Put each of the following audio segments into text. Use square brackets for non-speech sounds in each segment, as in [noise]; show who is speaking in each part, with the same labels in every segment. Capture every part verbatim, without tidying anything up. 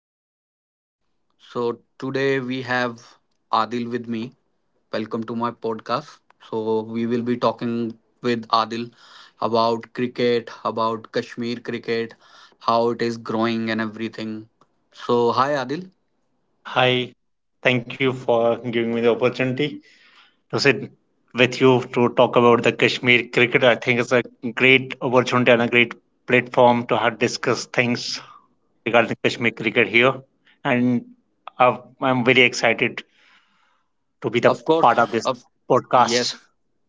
Speaker 1: Evening. So, today we have Adil with me. Welcome to my podcast. So, we will be talking with Adil about cricket, about Kashmir cricket, how it is growing, and everything. So, hi, Adil.
Speaker 2: Hi, thank you for giving me the opportunity to sit with you to talk about the Kashmir cricket. I think it's a great opportunity and a great platform to have discuss things regarding Kashmir cricket here. And i I'm very excited to be the
Speaker 1: Of course,
Speaker 2: part of this
Speaker 1: of
Speaker 2: podcast.
Speaker 1: yes,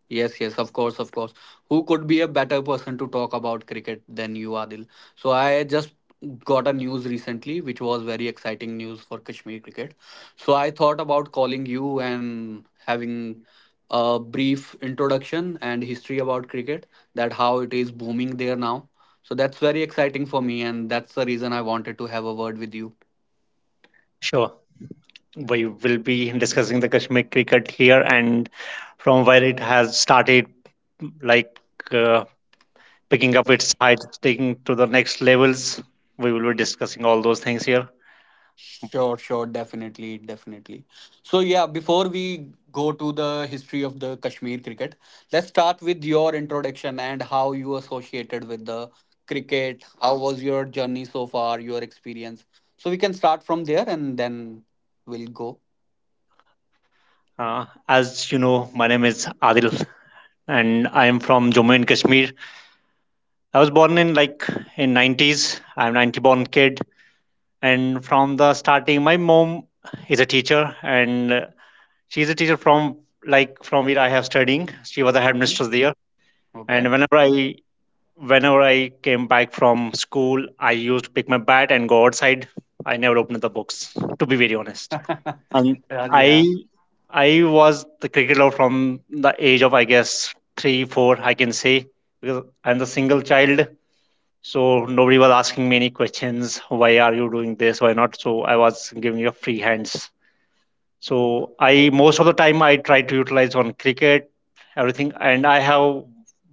Speaker 1: yes, yes, of course, of course. Who could be a better person to talk about cricket than you, Adil? So I just got a news recently, which was very exciting news for Kashmir cricket. So I thought about calling you and having a brief introduction and history about cricket, that how it is booming there now. So that's very exciting for me, and that's the reason I wanted to have a word with you.
Speaker 2: Sure, we will be discussing the Kashmir cricket here and from where it has started, like. Uh, picking up its height, taking to the next levels. We will be discussing all those things here.
Speaker 1: Sure, sure, definitely, definitely. So, yeah, before we go to the history of the Kashmir cricket, let's start with your introduction and how you associated with the cricket. How was your journey so far, your experience? So, we can start from there and then we'll go.
Speaker 2: Uh, as you know, my name is Adil, and I am from Jammu and Kashmir. I was born in like in nineties. I'm ninety born kid, and from the starting, my mom is a teacher, and uh, she's a teacher from like from where I have studying. She was a
Speaker 1: Mhm.
Speaker 2: headmistress there, and
Speaker 1: Okay.
Speaker 2: whenever I whenever I came back from school, I used to pick my bat and go outside. I never opened the books, to be very honest.
Speaker 1: [laughs]
Speaker 2: And
Speaker 1: Yeah.
Speaker 2: I
Speaker 1: Yeah.
Speaker 2: I was the cricket lover from the age of I guess three, four, I can say, because I'm the single child. So nobody was asking me any questions. Why are you doing this? Why not? So I was giving a free hands so I most of the time I try to utilize on cricket, everything. And I have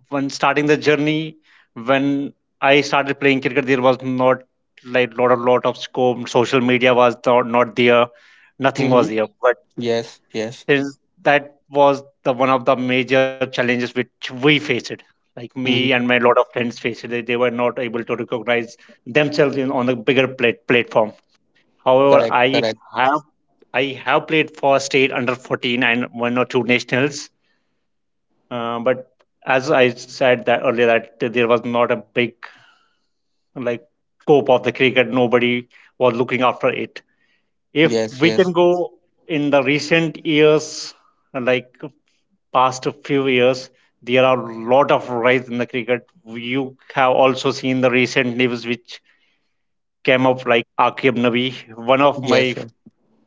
Speaker 2: when starting the journey, when I started playing cricket, there was not like lot of lot of scope. Social media was not, not there, nothing
Speaker 1: Mm-hmm.
Speaker 2: was there. But
Speaker 1: Yes, yes.
Speaker 2: since that was the one of the major challenges which we faced. Like me
Speaker 1: Mm-hmm.
Speaker 2: and my lot of friends faced it. They were not able to recognize themselves in, on the bigger plate, platform. However,
Speaker 1: Correct,
Speaker 2: I
Speaker 1: correct.
Speaker 2: have I have played for state under fourteen and one or two nationals. Uh, but as I said that earlier, that there was not a big like scope of the cricket. Nobody was looking after it. If
Speaker 1: Yes,
Speaker 2: we
Speaker 1: yes.
Speaker 2: can go in the recent years, like past few years, there are a lot of rise in the cricket. You have also seen the recent news which came up, like Akib Nabi, one of
Speaker 1: Yes,
Speaker 2: my
Speaker 1: sir.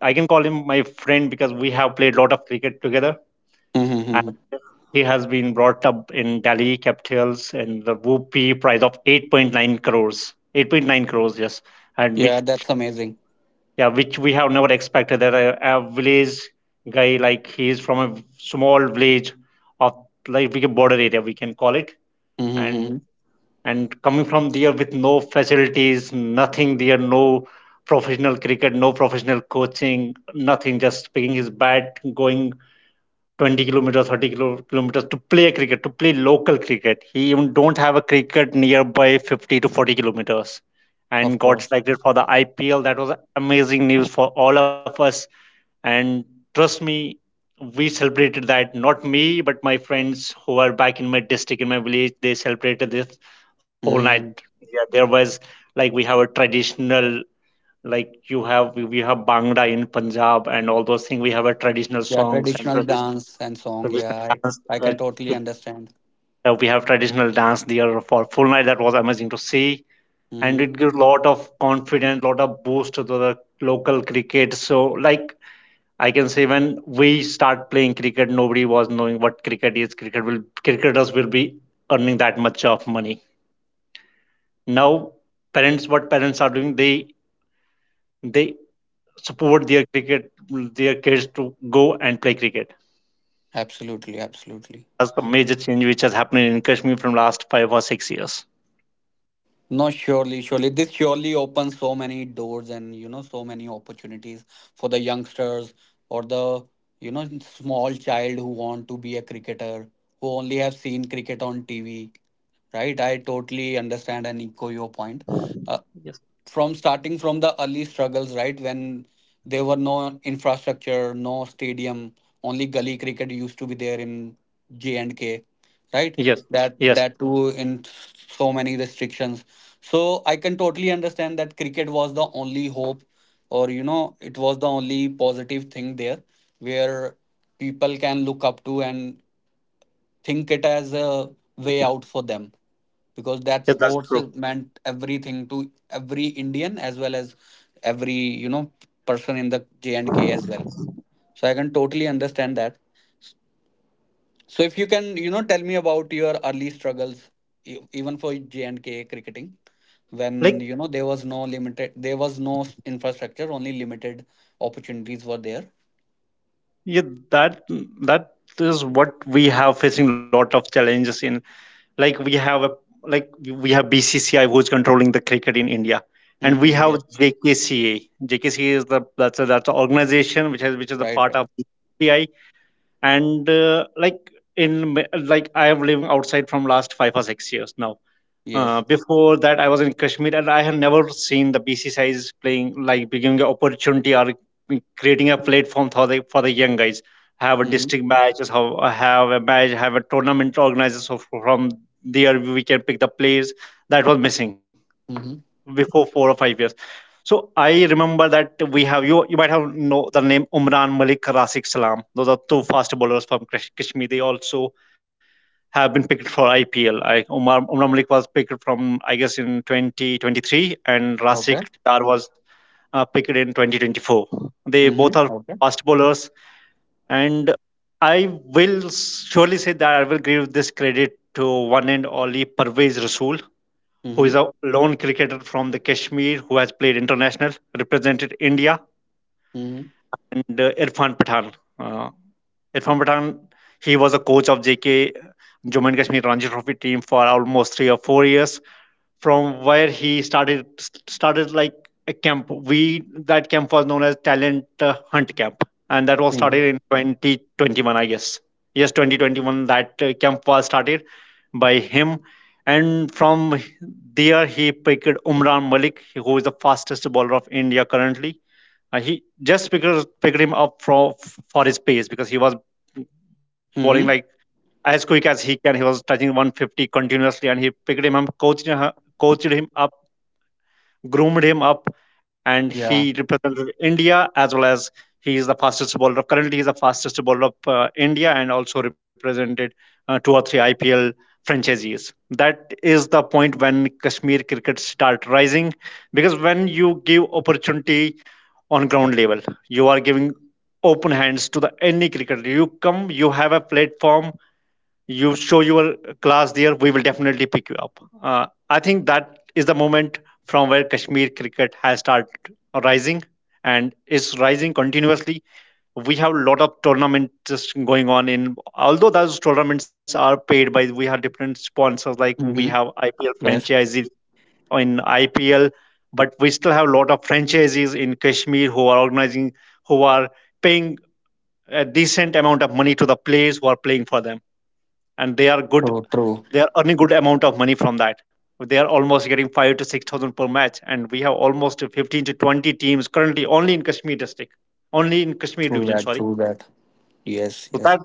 Speaker 2: I can call him my friend because we have played a lot of cricket together.
Speaker 1: Mm-hmm.
Speaker 2: And
Speaker 1: Mm-hmm.
Speaker 2: he has been brought up in Delhi Capitals and the whoopee prize of eight point nine crores. eight point nine crores, yes. And
Speaker 1: Yeah,
Speaker 2: which,
Speaker 1: that's amazing.
Speaker 2: yeah, which we have never expected that a, a village guy like he is from a small village of like we can border area we can call it
Speaker 1: Mm-hmm.
Speaker 2: and
Speaker 1: Mm-hmm.
Speaker 2: and coming from there with no facilities, nothing there, no professional cricket, no professional coaching, nothing, just picking his bat, going twenty kilometers thirty kilometers to play cricket to play local cricket. He even don't have a cricket nearby fifty to forty kilometers
Speaker 1: Of
Speaker 2: and got
Speaker 1: course.
Speaker 2: selected for the ipl. That was amazing news for all of us. And trust me, we celebrated that, not me but my friends who are back in my district in my village, they celebrated this whole night.
Speaker 1: Mhm.
Speaker 2: Yeah, there was like we have a traditional like you have we, we have bhangra in punjab and all those things. We have a traditional
Speaker 1: Yeah,
Speaker 2: songs and
Speaker 1: traditional
Speaker 2: tradi-
Speaker 1: dance and song. Yeah,
Speaker 2: traditional
Speaker 1: I,
Speaker 2: dance
Speaker 1: I can
Speaker 2: that
Speaker 1: totally understand.
Speaker 2: uh, we have traditional dance there for full night. That was amazing to see, and
Speaker 1: Mm-hmm.
Speaker 2: it gives a lot of confidence, lot of boost to the local cricket. So like I can say when we start playing cricket nobody was knowing what cricket is, cricket will cricketers will be earning that much of money. Now parents, what parents are doing, they they support their cricket, their kids to go and play cricket.
Speaker 1: Absolutely, absolutely.
Speaker 2: That's the major change which has happened in kashmir from last five or six years.
Speaker 1: No, surely, surely. This surely opens so many doors and, you know, so many opportunities for the youngsters or the, you know, small child who want to be a cricketer, who only have seen cricket on T V, right? I totally understand and echo your point. Uh,
Speaker 2: Yes.
Speaker 1: from starting from the early struggles, right? When there were no infrastructure, no stadium, only gully cricket used to be there in J and K, right?
Speaker 2: Yes,
Speaker 1: That
Speaker 2: yes,
Speaker 1: that too in so many restrictions. So I can totally understand that cricket was the only hope, or you know, it was the only positive thing there, where people can look up to and think it as a way out for them because that
Speaker 2: yes, that's
Speaker 1: sports
Speaker 2: true.
Speaker 1: is- meant everything to every Indian as well as every you know person in the J and K as well. So I can totally understand that. So if you can you know tell me about your early struggles e- even for J and K cricketing when
Speaker 2: Like
Speaker 1: you know there was no limited there was no s- infrastructure, only limited opportunities were there.
Speaker 2: yeah, that that is what we have facing lot of challenges in. Like we have a like we have B C C I who's controlling the cricket in India, and we
Speaker 1: Mm-hmm.
Speaker 2: have
Speaker 1: Yeah.
Speaker 2: J K C A. J K C A is the that's a, that's an organization which has which is a
Speaker 1: Right.
Speaker 2: part
Speaker 1: Right.
Speaker 2: of B C C I, and uh, like in ma- like I am living outside from last five or six years now. Uh,
Speaker 1: Yes.
Speaker 2: before that, I was in Kashmir and I had never seen the B C C Is playing like giving an opportunity or creating a platform for the for the young guys. Have a
Speaker 1: Mm-hmm.
Speaker 2: district matches, have have a match, have a tournament organizer. So from there we can pick the players. That was missing
Speaker 1: Mm-hmm.
Speaker 2: before four or five years. So I remember that we have you. You might have know the name Umran Malik, Razik Salam. Those are two fast bowlers from Kash- Kashmir. They also have been picked for I P L. Like Umar, Umar Malik was picked from, I guess, in twenty twenty-three, and
Speaker 1: Okay.
Speaker 2: Rasik Dar was uh, picked in twenty twenty-four. They both
Speaker 1: Mm-hmm.
Speaker 2: are
Speaker 1: Okay.
Speaker 2: fast bowlers, and I will surely say that I will give this credit to one and only Parvez Rasool, who is
Speaker 1: Mm-hmm.
Speaker 2: a lone cricketer from the Kashmir who has played international, represented India,
Speaker 1: Mhm.
Speaker 2: and uh, Irfan Pathan. Uh, Irfan Pathan, he was a coach of J K Jammu and Kashmir Ranji Trophy team for almost three or four years. From where he started started like a camp. We that camp was known as Talent uh, Hunt Camp, and that was
Speaker 1: Mhm.
Speaker 2: started in twenty twenty-one, I guess. Yes, twenty twenty-one. That uh, camp was started by him, and from there he picked Umran Malik, who is the fastest bowler of India currently. Uh, he just picked, picked him up for, for his pace because he was bowling like
Speaker 1: Mhm.
Speaker 2: as quick as he can. He was touching one fifty continuously, and he picked him up, coached him, coached him up, groomed him up, and he
Speaker 1: Yeah.
Speaker 2: represented India as well as he is the fastest bowler. Currently, he is the fastest bowler of uh, India and also represented uh, two or three I P L franchises. That is the point when Kashmir cricket start rising because when you give opportunity on ground level, you are giving open hands to the any cricketer. You come, you have a platform, you show your class there, we will definitely pick you up. Uh, i think that is the moment from where kashmir cricket has started rising and is rising continuously. We have a lot of tournaments just going on in, although those tournaments are paid by we have different sponsors like we have
Speaker 1: Mhm.
Speaker 2: ipl
Speaker 1: Yes.
Speaker 2: franchises in ipl. But we still have a lot of franchises in kashmir who are organizing, who are paying a decent amount of money to the players who are playing for them, and they are good,
Speaker 1: So true.
Speaker 2: they are earning good amount of money from that. They are almost getting five to six thousand per match, and we have almost fifteen to twenty teams currently only in kashmir district, only in kashmir
Speaker 1: True
Speaker 2: division,
Speaker 1: that.
Speaker 2: sorry.
Speaker 1: True that. Yes.
Speaker 2: So
Speaker 1: Yes.
Speaker 2: that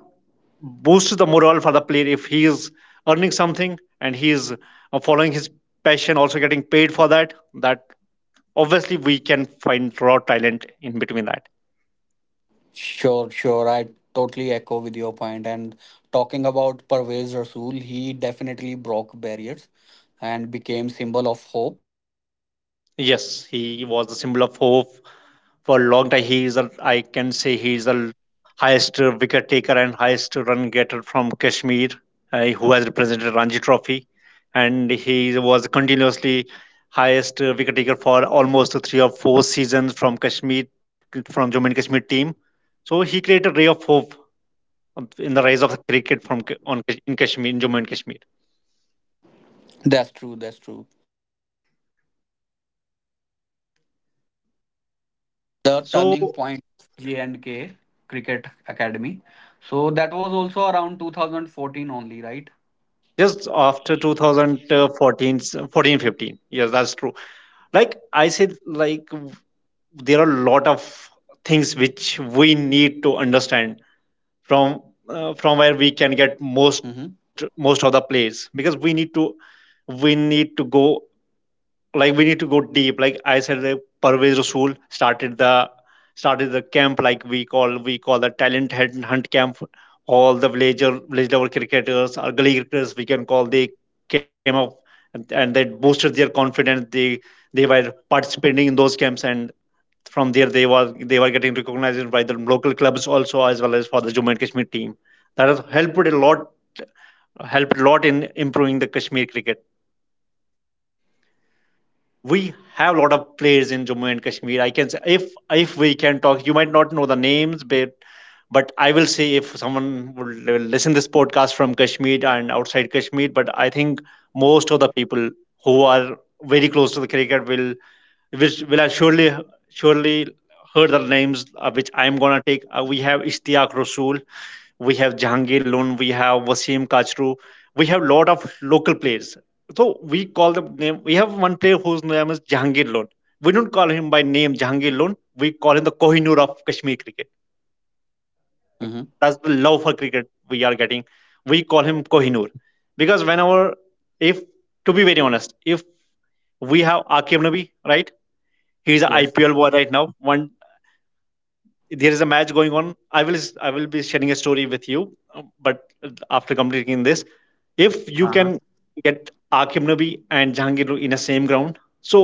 Speaker 2: boosts the morale for the player. If he is earning something and he is uh, following his passion, also getting paid for that, that obviously we can find raw talent in between that.
Speaker 1: Sure. Sure. I totally echo with your point. And talking about Parvez Rasool, he definitely broke barriers and became symbol of hope.
Speaker 2: Yes, he was the symbol of hope for a long time. He is a, I can say he is the highest wicket taker and highest run getter from Kashmir uh, who has represented Ranji Trophy, and he was continuously highest wicket taker for almost three or four seasons from Kashmir, from Jammu and Kashmir team. So he created a ray of hope in the rise of the cricket from on in Kashmir in Jammu and Kashmir.
Speaker 1: That's true. That's true. The
Speaker 2: So
Speaker 1: turning point of J and K Cricket Academy. So that was also around two thousand fourteen only, right?
Speaker 2: just after two thousand fourteen, 14 fourteen fifteen, yes that's true. Like I said, like there are a lot of things which we need to understand from uh, from where
Speaker 1: Mm-hmm.
Speaker 2: we can get most most of the plays because we need to we need to go like we need to go deep. Like I said, like parvez rasool started the started the camp like we call we call the talent hunt hunt camp. All the villager village level cricketers or gully cricketers we can call, they came up, and, and they boosted their confidence. They they were participating in those camps, and from there they were they were getting recognized by the local clubs also as well as for the Jammu and Kashmir team. That has helped a lot, helped a lot in improving the Kashmir cricket. We have a lot of players in Jammu and Kashmir. I can say if if we can talk, you might not know the names, but but I will say if someone would l- listen this podcast from Kashmir and outside Kashmir, but I think most of the people who are very close to the cricket will which will surely surely heard the names uh, which I'm gonna take. Uh, we have Ishtiaq Rasool, we have Jahangir Lun, we have Wasim Kachru, we have lot of local players. So we call the name. We have one player whose name is Jahangir Lun. We don't call him by name Jahangir Lun. We call him the Kohinoor of Kashmir cricket.
Speaker 1: Mm-hmm.
Speaker 2: That's the love for cricket we are getting. We call him Kohinoor because whenever, if, to be very honest, if we have Akeem Nabi, right? He's an
Speaker 1: Yes.
Speaker 2: I P L boy right now. One, there is a match going on. I will i will be sharing a story with you, um, but after completing this, if you can
Speaker 1: Uh-huh.
Speaker 2: get Akim Nabi and Jahangir in the same ground, so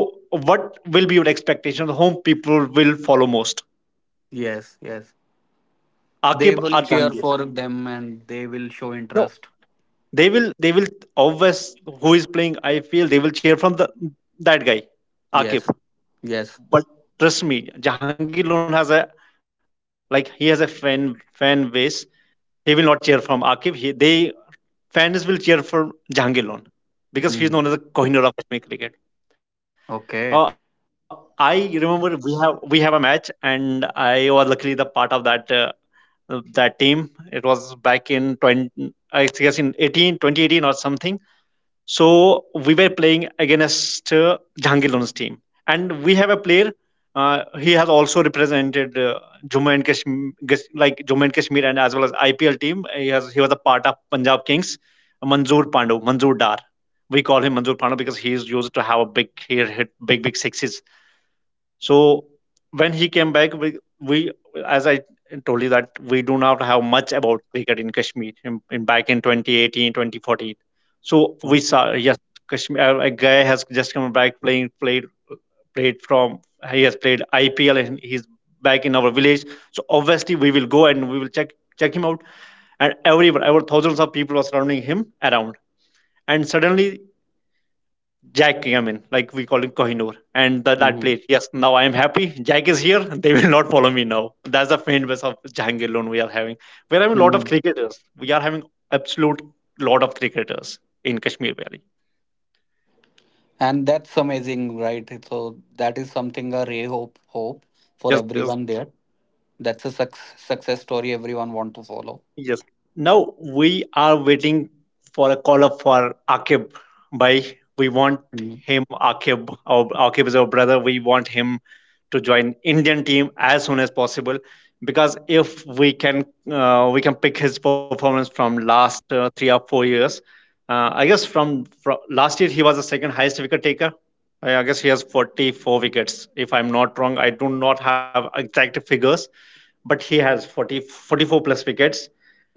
Speaker 2: what will be your expectation of whom people will follow most,
Speaker 1: Yes, yes.
Speaker 2: Akib
Speaker 1: They will
Speaker 2: or
Speaker 1: cheer
Speaker 2: Jahangir?
Speaker 1: for them and they will show
Speaker 2: No,
Speaker 1: interest.
Speaker 2: they will they will always, who is playing, I feel they will cheer from the, that guy,
Speaker 1: Yes,
Speaker 2: Akib.
Speaker 1: yes.
Speaker 2: But trust me, Jahangir Lohan has a, like, he has a fan fan base. He will not cheer from Akif. He, they, fans will cheer for Jahangir Lohan because he is
Speaker 1: Mm-hmm.
Speaker 2: known as the Kohinoor of Kashmir cricket. Uh,
Speaker 1: Okay.
Speaker 2: I remember we have we have a match, and I was luckily the part of that uh, that team. It was back in twenty, I guess in eighteen, twenty eighteen or something. So we were playing against uh, Jahangir Lohan's team, and we have a player. Uh, he has also represented uh, Jammu and Kashmir, like Jammu and Kashmir, and as well as I P L team. He has he was a part of Punjab Kings. Manzoor Pandu, Manzoor Dar. We call him Manzoor Pandu because he is used to have a big, he hit big big sixes. So when he came back, we, we, as I told you that we do not have much about cricket in Kashmir, in, in back in twenty eighteen, twenty fourteen. So we saw, yes, Kashmir, uh, a guy has just come back playing played played from, he has played I P L and he's back in our village. So obviously we will go, and we will check check him out. And everyone, our thousands of people are surrounding him around. And suddenly, Jack, I mean, like, we call him Kohinoor. And the, that
Speaker 1: Mm-hmm.
Speaker 2: place, yes, now I am happy. Jack is here. [laughs] They will not follow me now. That's the fan base of Jahangir Loan we are having. We are having a lot of
Speaker 1: Hmm.
Speaker 2: cricketers. We are having absolute lot of cricketers in Kashmir Valley.
Speaker 1: And that's amazing, right? So that is something a ray hope hope for
Speaker 2: Yes, yes.
Speaker 1: everyone there. That's a suc- success story everyone want to follow.
Speaker 2: Yes. Now we are waiting for a call up for Akib. By, we want
Speaker 1: Mm-hmm.
Speaker 2: him, Akib. Our, Akib is our brother. We want him to join Indian team as soon as possible because if we can, uh, we can pick his performance from last uh, three or four years. Uh, I guess from, from last year he was the second highest wicket taker. I, I guess he has forty-four wickets. If I'm not wrong, I do not have exact figures, but he has forty forty four plus wickets.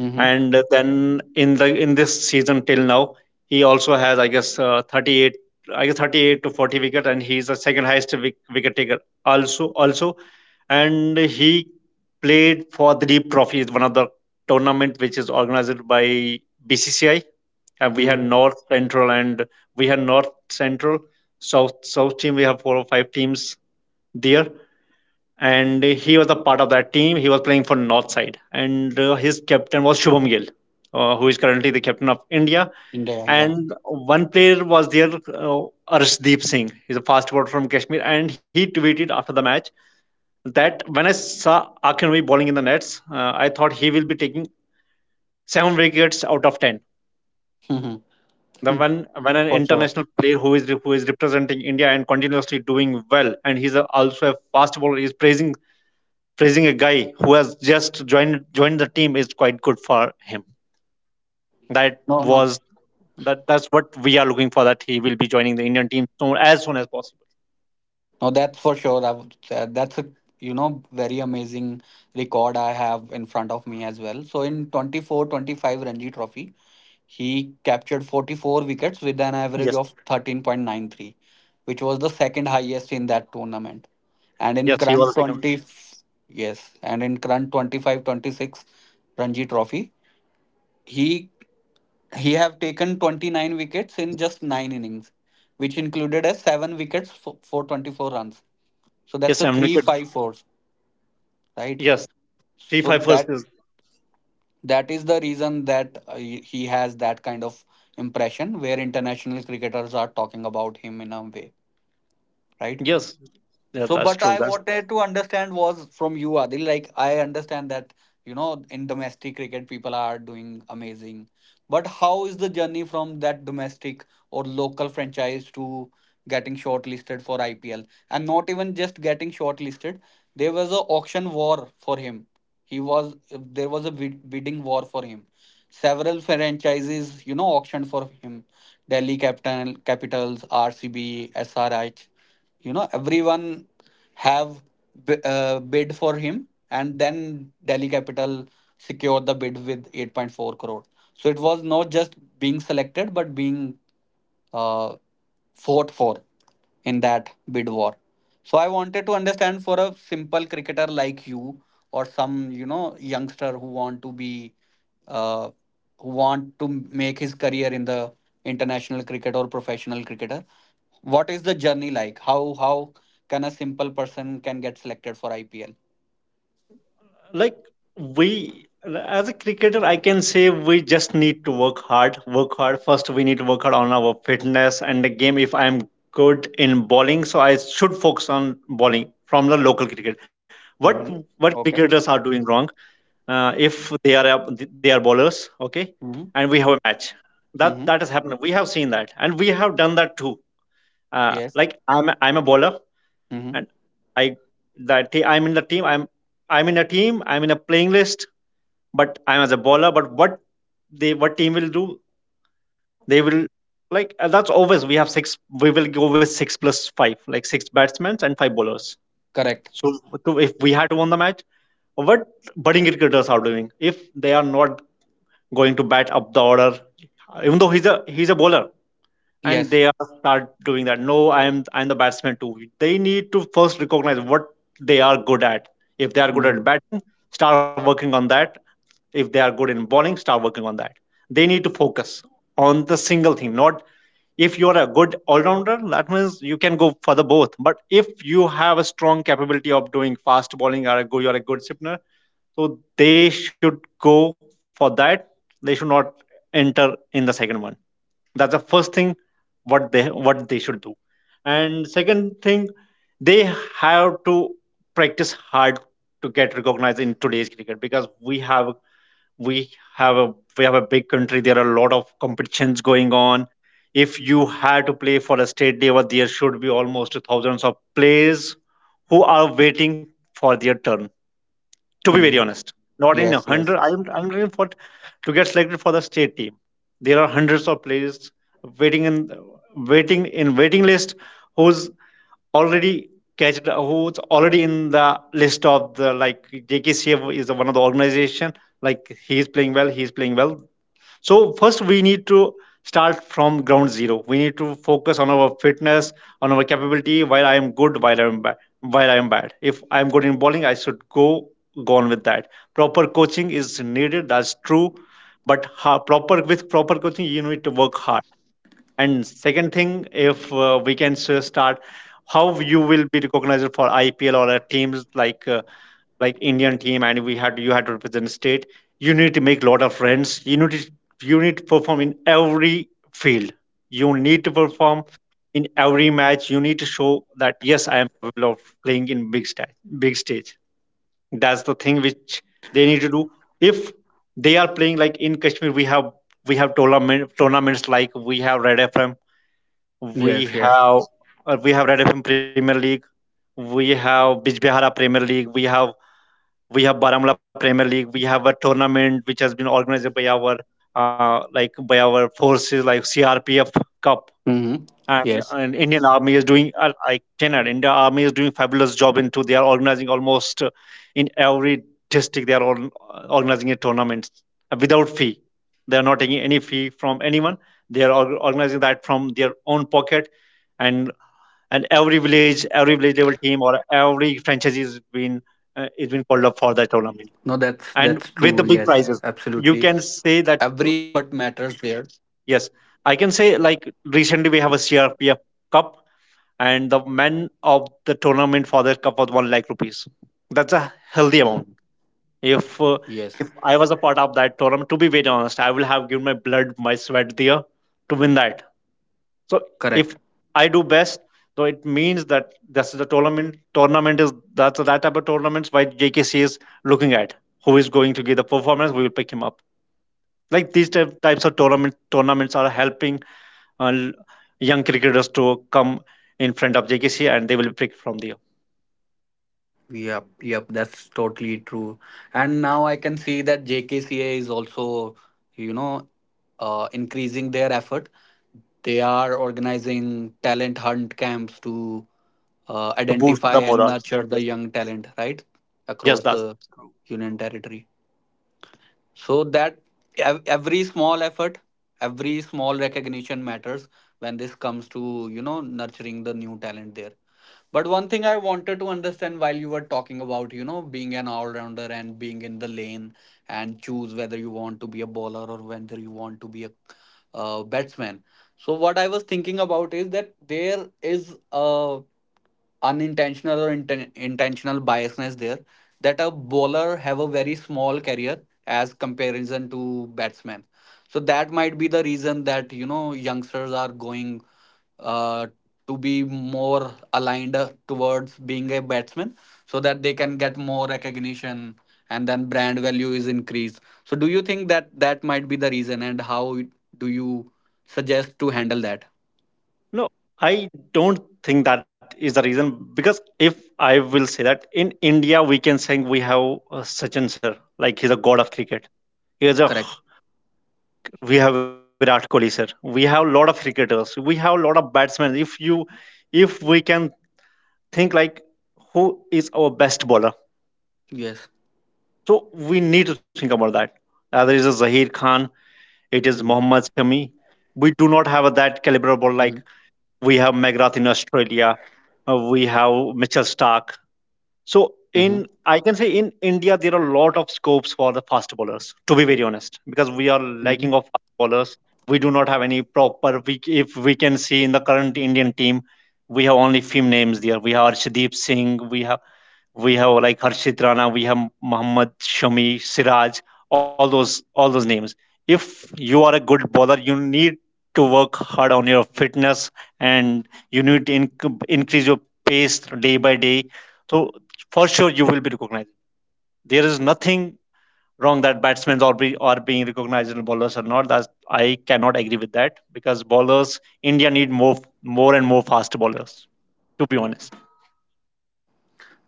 Speaker 1: Mm-hmm.
Speaker 2: And then in the, in this season till now, he also has, I guess, uh, thirty-eight, I guess thirty-eight to forty wicket. And he's the second highest wic- wicket taker, also, also And he played for the deep trophy, is one of the tournament which is organized by B C C I. And we had
Speaker 1: Hmm.
Speaker 2: north central, and we had north central south south team. We have four or five teams there. And he was a part of that team. He was playing for North Side, and uh, his captain was Shubham Gill, uh, who is currently the captain of India.
Speaker 1: India, yeah.
Speaker 2: And one player was there, uh, Arshdeep Singh. He's a fast bowler from Kashmir, and he tweeted after the match that when I saw Akinwumi bowling in the nets, uh, I thought he will be taking seven wickets out of ten.
Speaker 1: [laughs]
Speaker 2: The, when when an
Speaker 1: For sure.
Speaker 2: international player who is, who is representing India and continuously doing well, and he's a, also a fast bowler, is praising, praising a guy who has just joined joined the team is quite good for him. That
Speaker 1: No, no,
Speaker 2: was, that that's what we are looking for. That he will be joining the Indian team soon, as soon as possible.
Speaker 1: no. That's for sure. I would, uh, that's a you know very amazing record I have in front of me as well. So in twenty four, twenty five Ranji Trophy, he captured forty four wickets with an average
Speaker 2: Yes,
Speaker 1: of thirteen point nine three, which was the second highest in that tournament. And in
Speaker 2: yes, he was the
Speaker 1: current
Speaker 2: second.
Speaker 1: twenty, yes, and in current twenty five, twenty six Ranji Trophy, he He have taken twenty nine wickets in just nine innings, which included as seven wickets for, for twenty four runs. So that's
Speaker 2: Yes,
Speaker 1: a
Speaker 2: I'm
Speaker 1: three
Speaker 2: liquid.
Speaker 1: five fours, right?
Speaker 2: Yes, three
Speaker 1: So
Speaker 2: five first
Speaker 1: that
Speaker 2: is,
Speaker 1: that is the reason that uh, he he has that kind of impression where international cricketers are talking about him in a way, right?
Speaker 2: yes, yes,
Speaker 1: So,
Speaker 2: that's
Speaker 1: but
Speaker 2: true.
Speaker 1: I
Speaker 2: That's,
Speaker 1: wanted to understand was from you, Adil. Like, I understand that, you know, in domestic cricket, people are doing amazing. But how is the journey from that domestic or local franchise to getting shortlisted for I P L? And not even just getting shortlisted, there was a auction war for him. He was, there was a bid- bidding war for him. Several franchises, you know, auctioned for him. Delhi Capital, Capitals, R C B, S R H, you know everyone have b- uh, bid for him and then Delhi Capital secured the bid with eight point four crore. So it was not just being selected but being uh, fought for in that bid war. So I wanted to understand, for a simple cricketer like you or some you know youngster who want to be uh, who want to make his career in the international cricket or professional cricketer, what is the journey like? How how can a simple person can get selected for I P L?
Speaker 2: like, we as a cricketer, I can say we just need to work hard work hard. First, we need to work hard on our fitness and the game. If I'm good in bowling, so I should focus on bowling from the local cricket. what
Speaker 1: Mm-hmm.
Speaker 2: what
Speaker 1: Okay.
Speaker 2: cricketers are doing wrong, uh, if they are up- they are bowlers, okay,
Speaker 1: Mm-hmm.
Speaker 2: and we have a match, that, that
Speaker 1: Mm-hmm.
Speaker 2: has happened. We have seen that, and we have done that too. Uh,
Speaker 1: Yes.
Speaker 2: like, i'm a- I'm a bowler.
Speaker 1: Mm-hmm.
Speaker 2: And I, that te- I'm in the team. I'm I'm in a team. I'm in a playing list, but I'm as a bowler. But what, they what team will do? They will, like, uh, that's always we have six. We will go with six plus five, like six batsmen and five bowlers.
Speaker 1: Correct.
Speaker 2: So to, if we had to win the match, what budding cricketers are doing if they are not going to bat up the order, even though he's a he's a bowler, and
Speaker 1: Yes.
Speaker 2: they are start doing that, no, i'm I'm the batsman too. They need to first recognize what they are good at. If they are good
Speaker 1: Mm-hmm.
Speaker 2: at batting, start working on that. If they are good in bowling, start working on that. They need to focus on the single thing, not if you are a good all-rounder. That means you can go for the both. But if you have a strong capability of doing fast bowling, or a good, you're a good spinner, so they should go for that. They should not enter in the second one. That's the first thing what they, what they should do. And second thing, they have to practice hard to get recognized in today's cricket because we have we have a, we have a big country. There are a lot of competitions going on. If you had to play for a state level, there should be almost thousands of players who are waiting for their turn, to be very
Speaker 1: Mm-hmm.
Speaker 2: honest. Not in a
Speaker 1: Yes. Yes.
Speaker 2: hundred, i'm I'm looking for to get selected for the state team. There are hundreds of players waiting in waiting in waiting list, who's already, catched who's already in the list of the, like J K C F is one of the organization. Like, he's playing well, he's playing well so first we need to start from ground zero. We need to focus on our fitness, on our capability. While I am good, while I am bad, while I am bad. If I am good in bowling, I should go go on with that. Proper coaching is needed. That's true, but ha- proper, with proper coaching, you need to work hard. And second thing, if uh, we can s- start how you will be recognized for I P L or uh, teams like. Uh, like Indian team, and we had, you had to represent state, you need to make a lot of friends. You need to, you need to perform in every field. You need to perform in every match. You need to show that, yes, I am capable of playing in big stage. Big stage. That's the thing which they need to do. If they are playing like in Kashmir, we have we have tournament tournaments, like we have Red F M. We
Speaker 1: Yes. Yes.
Speaker 2: have, uh, we have Red F M Premier League. We have Bijbehara Premier League. We have we have Baramulla Premier League. We have a tournament which has been organized by our, uh, like by our forces, like C R P F Cup.
Speaker 1: Mm-hmm.
Speaker 2: and,
Speaker 1: Yes.
Speaker 2: and Indian Army is doing. Uh, I cannot. Indian Army is doing fabulous job into. They are organizing almost, uh, in every district. They are all organizing a tournament uh, without fee. They are not taking any fee from anyone. They are or- organizing that from their own pocket, and and every village, every village level team or every franchise is been, uh, is been called up
Speaker 1: No,
Speaker 2: for that
Speaker 1: that's
Speaker 2: tournament,
Speaker 1: that's true. Yes,
Speaker 2: and with the big
Speaker 1: absolutely.
Speaker 2: prizes, you can
Speaker 1: Every
Speaker 2: say that.
Speaker 1: effort matters there.
Speaker 2: Yes, I can say, like, recently we have a CRPF Cup, and the man of the tournament for that cup was one lakh rupees. That's a healthy
Speaker 1: Mm.
Speaker 2: amount. If, uh,
Speaker 1: Yes.
Speaker 2: if I was a part of that tournament, to be very honest, I will have given my blood, my sweat there to win that. So if
Speaker 1: Correct.
Speaker 2: I do best, so it means that, that's the tournament, tournament is that's that type of tournaments why JKC is looking at who is going to give the performance, we will pick him up. Like, these type, types of tournament tournaments are helping, uh, young cricketers to come in front of J K C, and they will pick from there
Speaker 1: Yep, yep, that's totally true. And now I can see that J K C A is also, you know, uh, increasing their effort. They are organizing talent hunt camps to uh,
Speaker 2: to boost
Speaker 1: identify
Speaker 2: the
Speaker 1: and
Speaker 2: morale.
Speaker 1: nurture the
Speaker 2: Yes,
Speaker 1: young talent, right,
Speaker 2: yes,
Speaker 1: across
Speaker 2: that.
Speaker 1: the union territory. So that ev- every small effort, every small recognition matters when this comes to, you know, nurturing the new talent there. But one thing I wanted to understand while you were talking about, you know, being an all-rounder and being in the lane and choose whether you want to be a bowler or whether you want to be a uh, batsman. So what I was thinking about is that there is a unintentional or inten- intentional biasness there that a bowler have a very small career as comparison to batsman, so that might be the reason that you know youngsters are going uh, to be more aligned uh, towards being a batsman so that they can get more recognition and then brand value is increased. So do you think that that might be the reason, and how do you suggest to handle that?
Speaker 2: No, I don't think that is the reason because if I will say that in India, we can say we have, uh, Sachin sir, like, he's a god of cricket. He is a,
Speaker 1: Correct.
Speaker 2: we have Virat Kohli sir. We have a lot of cricketers. We have a lot of batsmen. If you, if we can think like, who is our best bowler?
Speaker 1: Yes.
Speaker 2: So we need to think about that. Uh, there is a Zahir Khan,
Speaker 1: Mm-hmm.
Speaker 2: it is Mohammad Shami. We do not have a that
Speaker 1: Mm-hmm.
Speaker 2: caliber ball, like we have McGrath in Australia, uh, we have Mitchell Stark. So
Speaker 1: Mm-hmm.
Speaker 2: in, I can say in India there are a lot of scopes for the fast bowlers, to be very honest, because we are lacking of fast bowlers. We do not have any proper. We, if we can see in the current Indian team, we have only few names there. We have Arshdeep Singh. We have we have like Harshit Rana. We have Muhammad Shami, Siraj, all those all those names. If you are a good bowler, you need to work hard on your fitness, and you need to inc- increase your pace day by day. So for sure you will be recognized. There is nothing wrong that batsmen are, be, are being recognized and bowlers are not. That's, I cannot agree with that because bowlers India need more more and more fast bowlers. To be honest.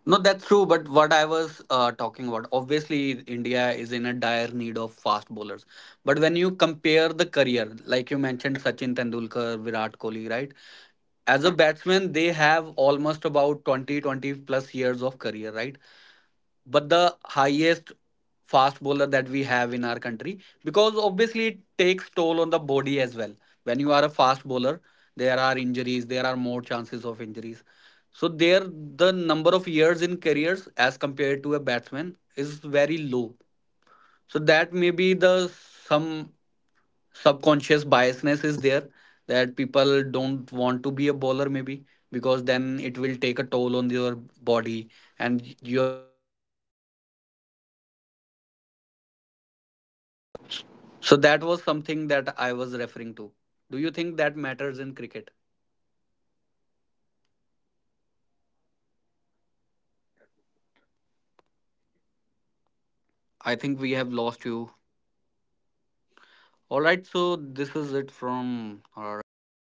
Speaker 1: No, that's true. But what I was uh, talking about, obviously, India is in a dire need of fast bowlers. But when you compare the career, like you mentioned, Sachin Tendulkar, Virat Kohli, right? As a batsman, they have almost about twenty, twenty plus years of career, right? But the highest fast bowler that we have in our country, because obviously it takes toll on the body as well, when you are a fast bowler there are injuries, there are more chances of injuries. So there, the number of years in careers as compared to a batsman is very low. So that may be the some subconscious biasness is there that people don't want to be a bowler, maybe, because then it will take a toll on your body. And so that was something that I was referring to. Do you think that matters in cricket? I think we have lost you. All right, so this is it from our end.